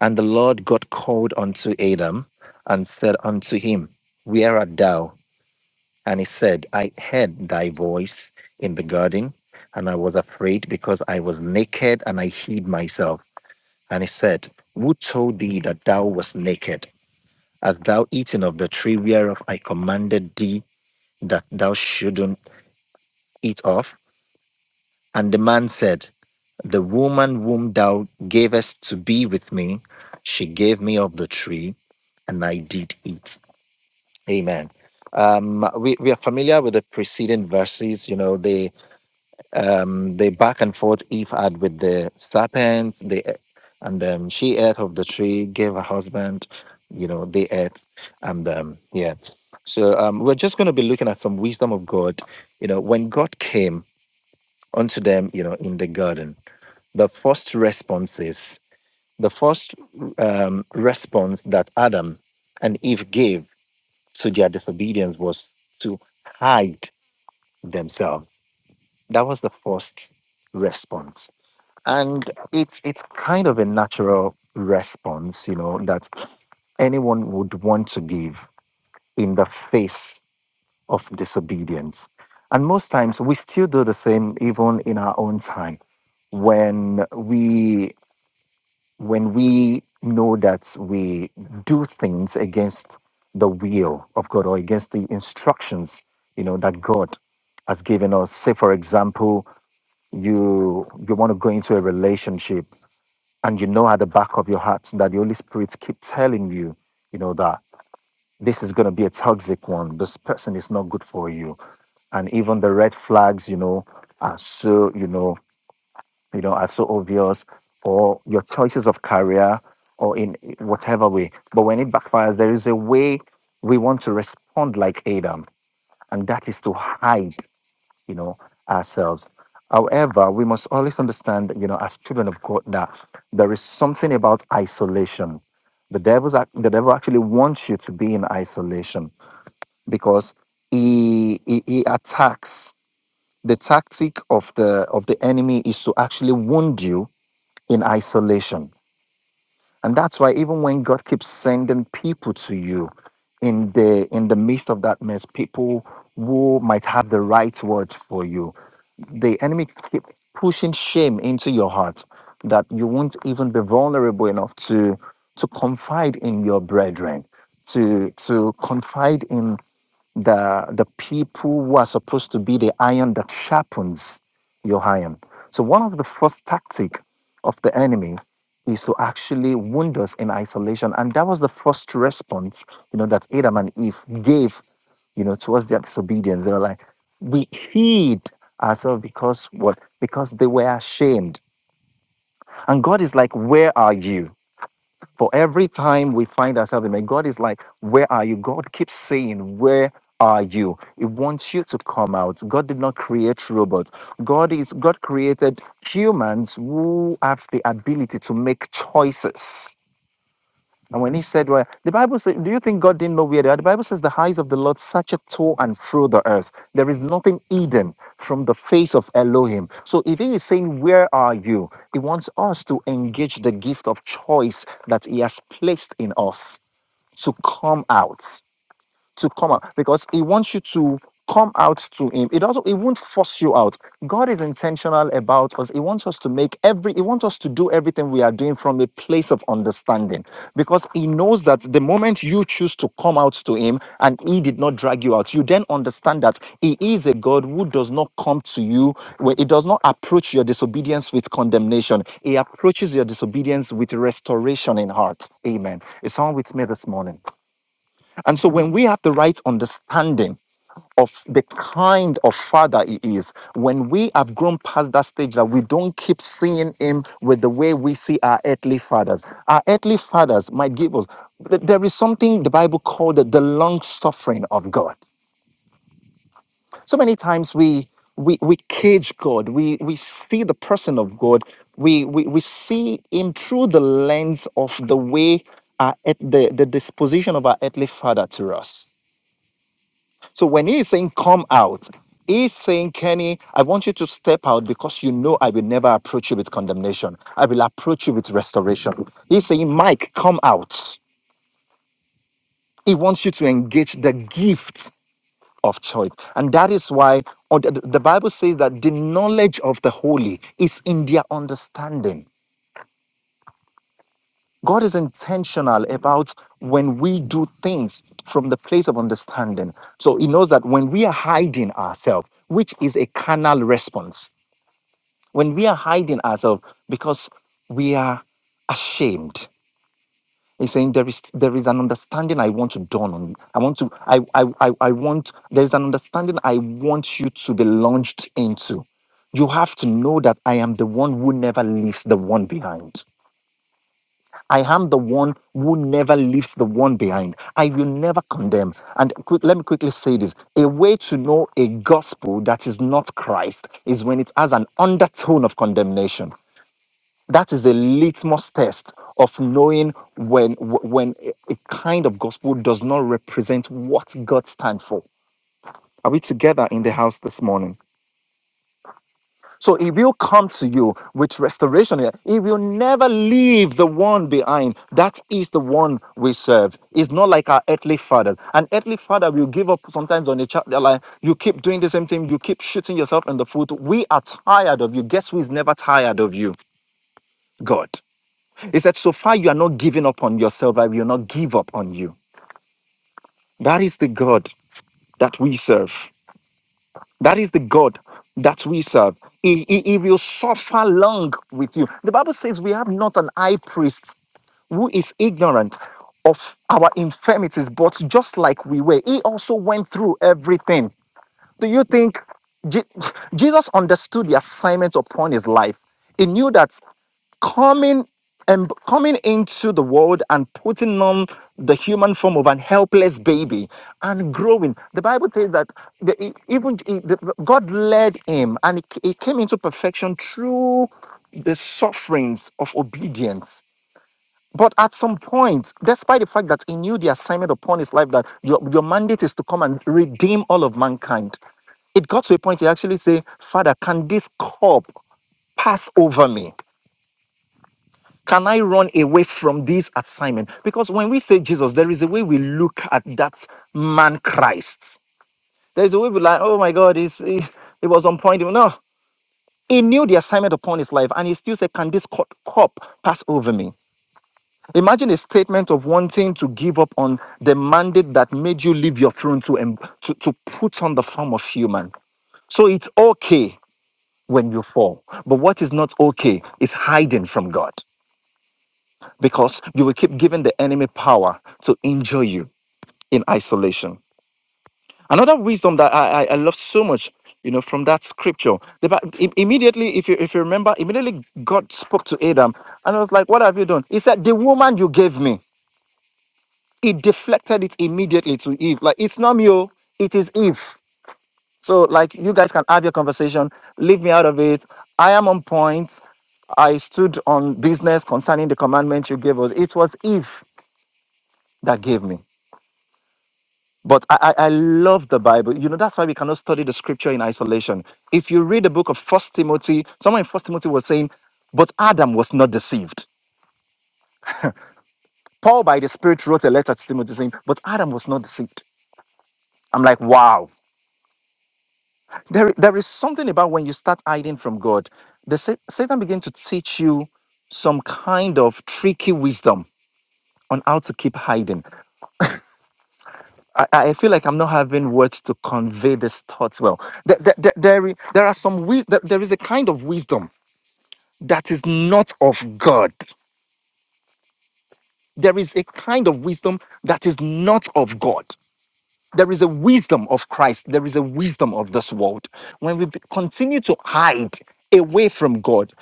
Speaker 1: And the Lord God called unto Adam and said unto him, Where art thou? And he said, I heard thy voice in the garden, and I was afraid because I was naked and I hid myself. And he said, Who told thee that thou wast naked? Hast thou eaten of the tree whereof I commanded thee that thou shouldn't eat of? And the man said, The woman whom thou gavest to be with me, she gave me of the tree, and I did eat. Amen. Um, we, we are familiar with the preceding verses. You know, they um, they back and forth. Eve had with the serpent, they, a- and um, she ate of the tree, gave her husband. You know, they ate, and um, yeah. So um, we're just going to be looking at some wisdom of God. You know, when God came unto them, you know, in the garden, the first responses the first um, response that Adam and Eve gave to their disobedience was to hide themselves. That was the first response, and it's it's kind of a natural response, you know, that anyone would want to give in the face of disobedience. And most times we still do the same, even in our own time, when we when we know that we do things against the will of God or against the instructions, you know, that God has given us. Say, for example, you you want to go into a relationship and you know at the back of your heart that the Holy Spirit keep telling you, you know, that this is going to be a toxic one. This person is not good for you. And even the red flags, you know, are so, you know, you know, are so obvious, or your choices of career, or in whatever way. But when it backfires, there is a way we want to respond like Adam, and that is to hide, you know, ourselves. However, we must always understand, you know, as children of God, that there is something about isolation. The devil's ac- the devil actually wants you to be in isolation because he, he he attacks. The tactic of the of the enemy is to actually wound you in isolation. And that's why even when God keeps sending people to you in the in the midst of that mess, people who might have the right words for you, the enemy keep pushing shame into your heart that you won't even be vulnerable enough to to confide in your brethren, to to confide in the the people who are supposed to be the iron that sharpens your iron. So one of the first tactic of the enemy is to actually wound us in isolation, and that was the first response you know that Adam and Eve gave you know towards their disobedience. They were like, we hid ourselves because what? Because they were ashamed. And God is like, where are you? For every time we find ourselves in, pain, God is like, Where are you? God keeps saying, Where are you? He wants you to come out. God did not create robots. God is God created humans who have the ability to make choices and when he said, Well, the Bible says, Do you think God didn't know where they are? The Bible says, The eyes of the Lord searcheth to and through the earth. There is nothing hidden from the face of Elohim. So if he is saying, Where are you? He wants us to engage the gift of choice that he has placed in us to come out to come out because he wants you to come out to him it also it won't force you out god is intentional about us he wants us to make every he wants us to do everything we are doing from a place of understanding because he knows that the moment you choose to come out to him and he did not drag you out you then understand that he is a god who does not come to you where he does not approach your disobedience with condemnation he approaches your disobedience with restoration in heart amen is someone with me this morning and so when we have the right understanding of the kind of father he is, when we have grown past that stage that we don't keep seeing him with the way we see our earthly fathers, our earthly fathers might give us, th- there is something the Bible called the long suffering of God. So many times we we, we cage God, we, we see the person of God, we, we, we see him through the lens of the way, our, earth- the, the disposition of our earthly father to us. So when he's saying, come out, he's saying, Kenny, I want you to step out because you know I will never approach you with condemnation. I will approach you with restoration. He's saying, Mike, come out. He wants you to engage the gift of choice. And that is why or the the Bible says that the knowledge of the holy is in their understanding. God is intentional about when we do things from the place of understanding. So he knows that when we are hiding ourselves, which is a carnal response, When we are hiding ourselves because we are ashamed. He's saying there is there is an understanding I want to dawn on. you. I want to I I I, I want there is an understanding I want you to be launched into. You have to know that I am the one who never leaves the one behind. I am the one who never leaves the one behind. I will never condemn. And quick, let me quickly say this a way to know a gospel that is not Christ is when it has an undertone of condemnation that is a litmus test of knowing when when a a kind of gospel does not represent what God stands for. Are we together in the house this morning? So it will come to you with restoration. It will never leave the one behind. That is the one we serve. It's not like our earthly fathers. An earthly father will give up sometimes on a child. They're like, you keep doing the same thing. You keep shooting yourself in the foot. We are tired of you. Guess who is never tired of you? God. He said, so far you are not giving up on yourself, I will not give up on you. That is the God that we serve. That is the God that we serve. He, he, he will suffer long with you. The Bible says we have not an high priest who is ignorant of our infirmities, but just like we were, he also went through everything. Do you think Je- Jesus understood the assignment upon his life? He knew that coming and coming into the world and putting on the human form of an helpless baby and growing the bible says that the, e- even e- the- god led him and he, he came into perfection through the sufferings of obedience but at some point despite the fact that he knew the assignment upon his life that your, your mandate is to come and redeem all of mankind it got to a point he actually said father can this cup pass over me can I run away from this assignment? Because when we say Jesus, there is a way we look at that man Christ. There's a way we like, oh my God, it's, it, it was on point. No, he knew the assignment upon his life and he still said, Can this cup cup pass over me? Imagine a statement of wanting to give up on the mandate that made you leave your throne to, em- to, to put on the form of human. So it's okay when you fall. But what is not okay is hiding from God. because you will keep giving the enemy power to injure you in isolation. Another wisdom that I, I, I love so much, you know, from that scripture. The, Bi- im- immediately, if you if you remember, immediately God spoke to Adam, and I was like, "What have you done?" He said, "The woman you gave me." He deflected it immediately to Eve. Like it's not me, oh, it is Eve. So like you guys can have your conversation. Leave me out of it. I am on point. I stood on business concerning the commandments you gave us. It was Eve that gave me. But I, I, I love the Bible. You know, that's why we cannot study the scripture in isolation. If you read the book of First Timothy, someone in First Timothy was saying, But Adam was not deceived. Paul, by the Spirit, wrote a letter to Timothy saying, But Adam was not deceived. I'm like, wow. There, there is something about when you start hiding from God, the sa- Satan begins to teach you some kind of tricky wisdom on how to keep hiding. I, I feel like I'm not having words to convey these thoughts well. There, there, there, there i- there are some wis- there there is a kind of wisdom that is not of God. There is a kind of wisdom that is not of God. There is a wisdom of Christ. There is a wisdom of this world. When we be- continue to hide away from God,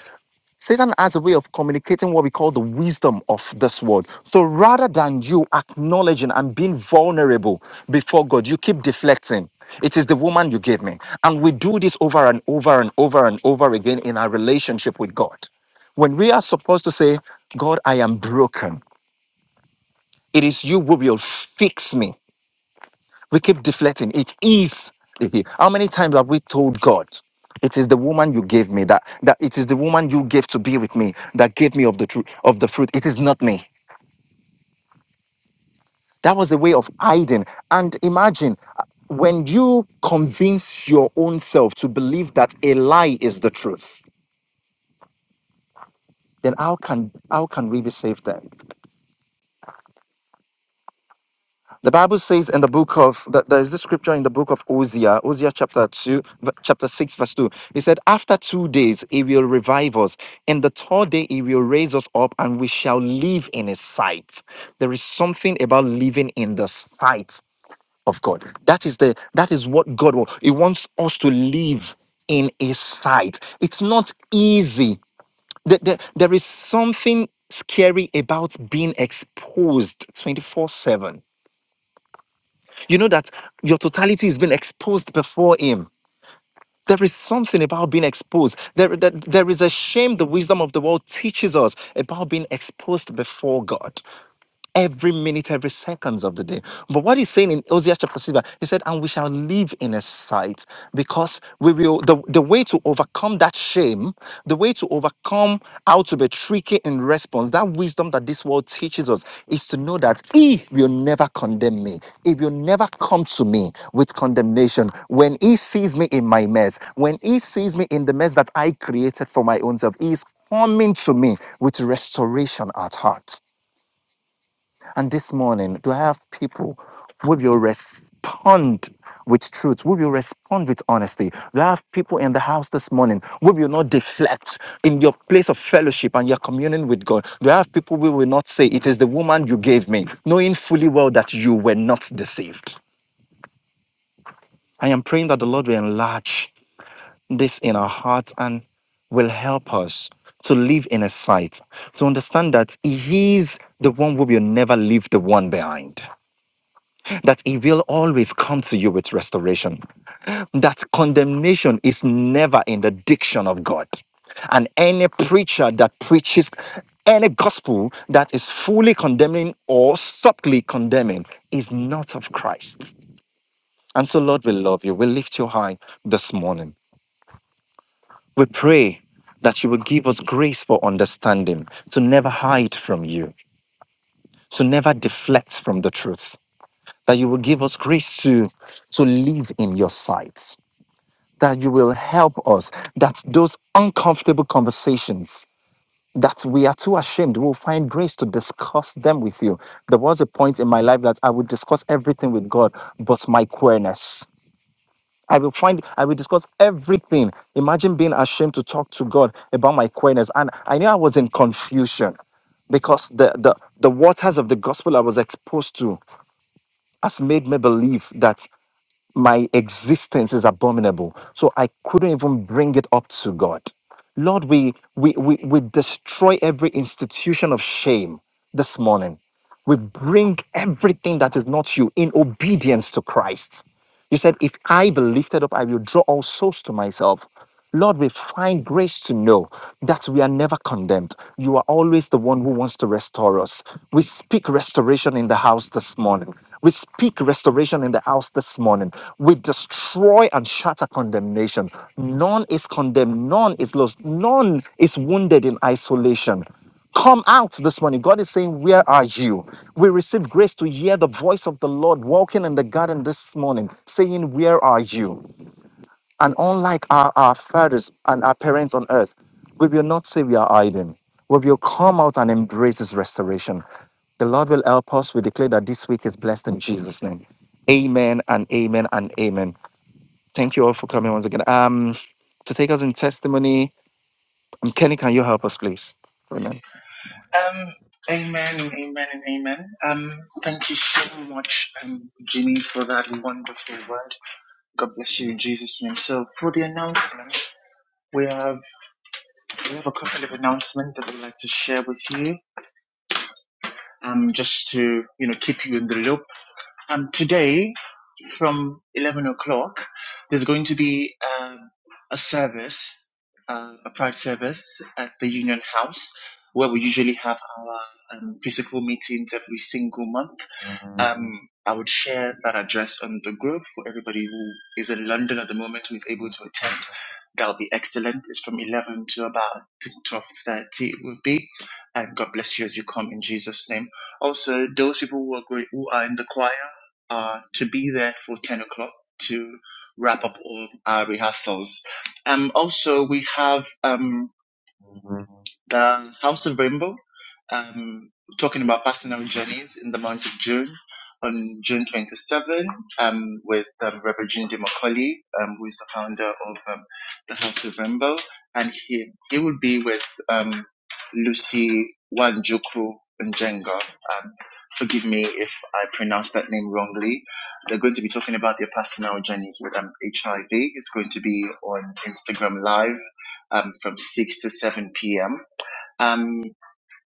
Speaker 1: Satan has a way of communicating what we call the wisdom of this world. So rather than you acknowledging and being vulnerable before God, you keep deflecting. It is the woman you gave me. And we do this over and over and over and over again in our relationship with God. When we are supposed to say, God, I am broken, it is you who will fix me. We keep deflecting. It is. [laughs] How many times have we told God, "It is the woman you gave me that that it is the woman you gave to be with me that gave me of the truth of the fruit. It is not me." That was a way of hiding. And imagine uh, when you convince your own self to believe that a lie is the truth, then how can how can we be saved then? The Bible says in the book of that there is this scripture in the book of Hosea, Hosea chapter two, v- chapter six, verse two. It said, "After two days he will revive us, and the third day he will raise us up, and we shall live in his sight." There is something about living in the sight of God. That is the that is what God wants. He wants us to live in his sight. It's not easy. There, there, there is something scary about being exposed 24 7 you know that your totality is being exposed before Him. There is something about being exposed. There, there, there is a shame the wisdom of the world teaches us about being exposed before God every minute, every seconds of the day. But what he's saying in Hosea chapter 6, verse- he said, and we shall live in his sight because we will, the, the way to overcome that shame, the way to overcome how to be tricky in response, that wisdom that this world teaches us is to know that he will never condemn me. He will never come to me with condemnation. When he sees me in my mess, when he sees me in the mess that I created for my own self, he is coming to me with restoration at heart. And this morning, do I have people will you respond with truth? Will you respond with honesty? Do I have people in the house this morning? Will you not deflect in your place of fellowship and your communion with God? Do I have people who will not say, It is the woman you gave me, knowing fully well that you were not deceived? I am praying that the Lord will enlarge this in our hearts and will help us to live in a sight, to understand that He is the one who will never leave the one behind. that He will always come to you with restoration, that condemnation is never in the diction of God. And any preacher that preaches any gospel that is fully condemning or subtly condemning is not of Christ. And so, Lord, we love you. We lift you high this morning. We pray that you will give us grace for understanding, to never hide from you, to never deflect from the truth, that you will give us grace to, to live in your sight, that you will help us, that those uncomfortable conversations that we are too ashamed, we'll find grace to discuss them with you. There was a point in my life that I would discuss everything with God, but my queerness. I will find, I will discuss everything. Imagine being ashamed to talk to God about my queerness. And I knew I was in confusion because the, the, the waters of the gospel I was exposed to has made me believe that my existence is abominable. So I couldn't even bring it up to God. Lord, we we we, we destroy every institution of shame this morning. We bring everything that is not you in obedience to Christ. You said, If I be lifted up, I will draw all souls to myself. Lord, we find grace to know that we are never condemned. You are always the one who wants to restore us. We speak restoration in the house this morning. We speak restoration in the house this morning. We destroy and shatter condemnation. None is condemned, none is lost, none is wounded in isolation. Come out this morning. God is saying, Where are you? We receive grace to hear the voice of the Lord walking in the garden this morning, saying, Where are you? And unlike our, our fathers and our parents on earth, we will not say we are hiding. We will come out and embrace His restoration. The Lord will help us. We declare that this week is blessed in Jesus' name. Amen and amen and amen. Thank you all for coming once again. Um, to take us in testimony, um, Kenny, can you help us, please? Amen.
Speaker 2: Um, amen and amen and amen. Um, thank you so much, um, Jimmy, for that wonderful word. God bless you in Jesus' name. So, for the announcement, we have we have a couple of announcements that we'd like to share with you. Um, just to you know keep you in the loop Um, today, from 11 o'clock, there's going to be um, a service, uh, a pride service at the Union House, where we usually have our um, physical meetings every single month. Um, I would share that address on the group for everybody who is in London at the moment who is able to attend. That'll be excellent. It's from 11 to about 12.30 it will be. And God bless you as you come in Jesus' name. Also, those people who are, going, who are in the choir are to be there for 10 o'clock to wrap up all our rehearsals. Um, also, we have... um, the House of Rainbow, um, talking about personal journeys in the month of June on June 27 um, with um, Reverend Jim Macaulay, um, who is the founder of um, the House of Rainbow, and he he will be with um, Lucy Wanjuku Njenga. Um, forgive me if I pronounce that name wrongly. They're going to be talking about their personal journeys with um, HIV. It's going to be on Instagram Live um, from 6 to 7 p.m. Um,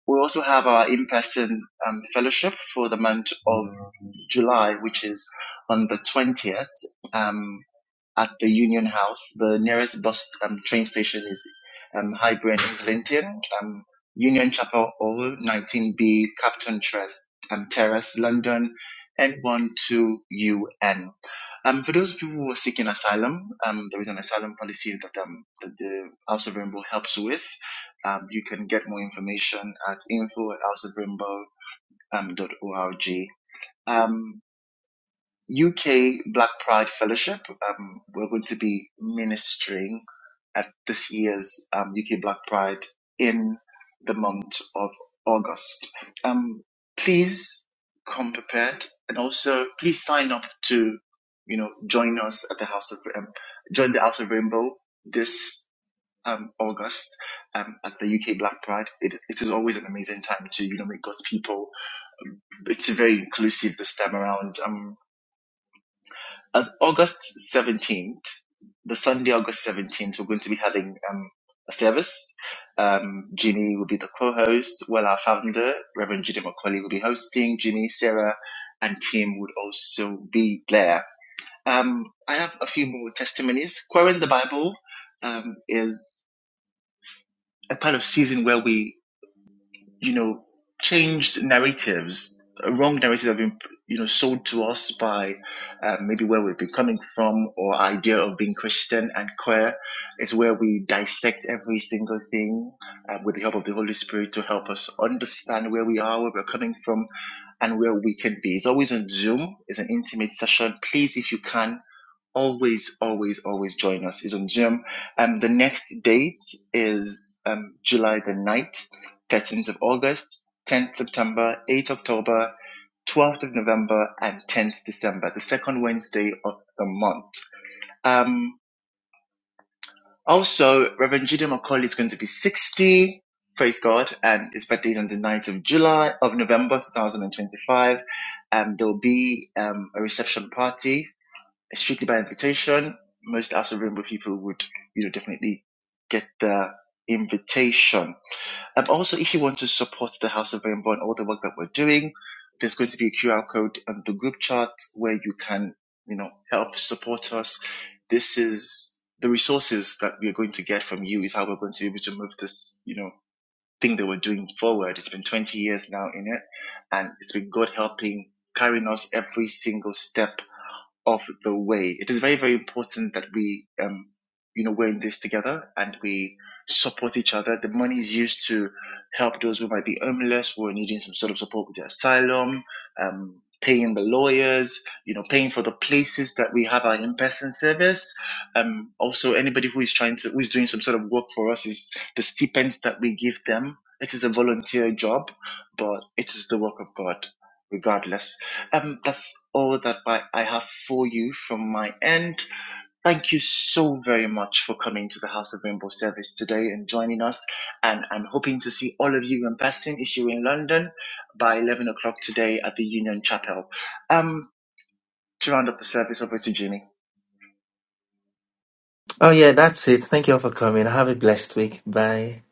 Speaker 2: we also have our in-person um, fellowship for the month of July, which is on the 20th. Um, at the Union House. The nearest bus um, train station is um, Highbury and Islington. Um, Union Chapel Hall, 19B, Captain Terrace, um, Terrace, London, N12UN. Um, for those people who are seeking asylum, um, there is an asylum policy that, um, that the House of Rainbow helps with. Um, you can get more information at info at houseofrainbow.org. Um, dot org. Um, UK Black Pride Fellowship. Um, we're going to be ministering at this year's um, UK Black Pride in the month of August. Um, please come prepared and also please sign up to, you know, join us at the House of, um, join the House of Rainbow this um, August um, at the UK Black Pride. It, it is always an amazing time to, you know, meet God's people. It's very inclusive this time around. Um, as August 17th, the Sunday, August 17th, we're going to be having um, a service. Um, Ginny will be the co host, while our founder, Reverend Judy McCauley, will be hosting. Ginny, Sarah, and Tim would also be there. Um, I have a few more testimonies. Querying the Bible um, is a part of season where we you know, changed narratives, wrong narratives have been, you know, sold to us by uh, maybe where we've been coming from or idea of being Christian and queer. It's where we dissect every single thing uh, with the help of the Holy Spirit to help us understand where we are, where we're coming from, and where we can be. It's always on Zoom. It's an intimate session. Please, if you can always, always, always join us. It's on Zoom. Um, the next date is um, July the ninth, 13th of August, 10th September, 8th October, 12th of November, and 10th December, the second Wednesday of the month. Um, also, Reverend Judah McCauley is going to be 60. Praise God. And his birthday is on the 9th of July, of November 2025. Um, there will be um, a reception party strictly by invitation. Most House of Rainbow people would, you know, definitely get the invitation. Um, also, if you want to support the House of Rainbow and all the work that we're doing, there's going to be a QR code on the group chat where you can, you know, help support us. This is the resources that we're going to get from you is how we're going to be able to move this, you know, thing that we're doing forward. It's been 20 years now in it, and it's been God helping carrying us every single step of the way. It is very, very important that we, um, you know, we're in this together and we support each other. The money is used to help those who might be homeless, who are needing some sort of support with the asylum, um, paying the lawyers, you know, paying for the places that we have our in-person service. Um, also, anybody who is trying to, who is doing some sort of work for us is the stipends that we give them. It is a volunteer job, but it is the work of God regardless. Um, that's all that I I have for you from my end. Thank you so very much for coming to the House of Rainbow service today and joining us. And I'm hoping to see all of you in person if you're in London by 11 o'clock today at the Union Chapel. Um, to round up the service, over to Jimmy.
Speaker 1: Oh, yeah, that's it. Thank you all for coming. Have a blessed week. Bye.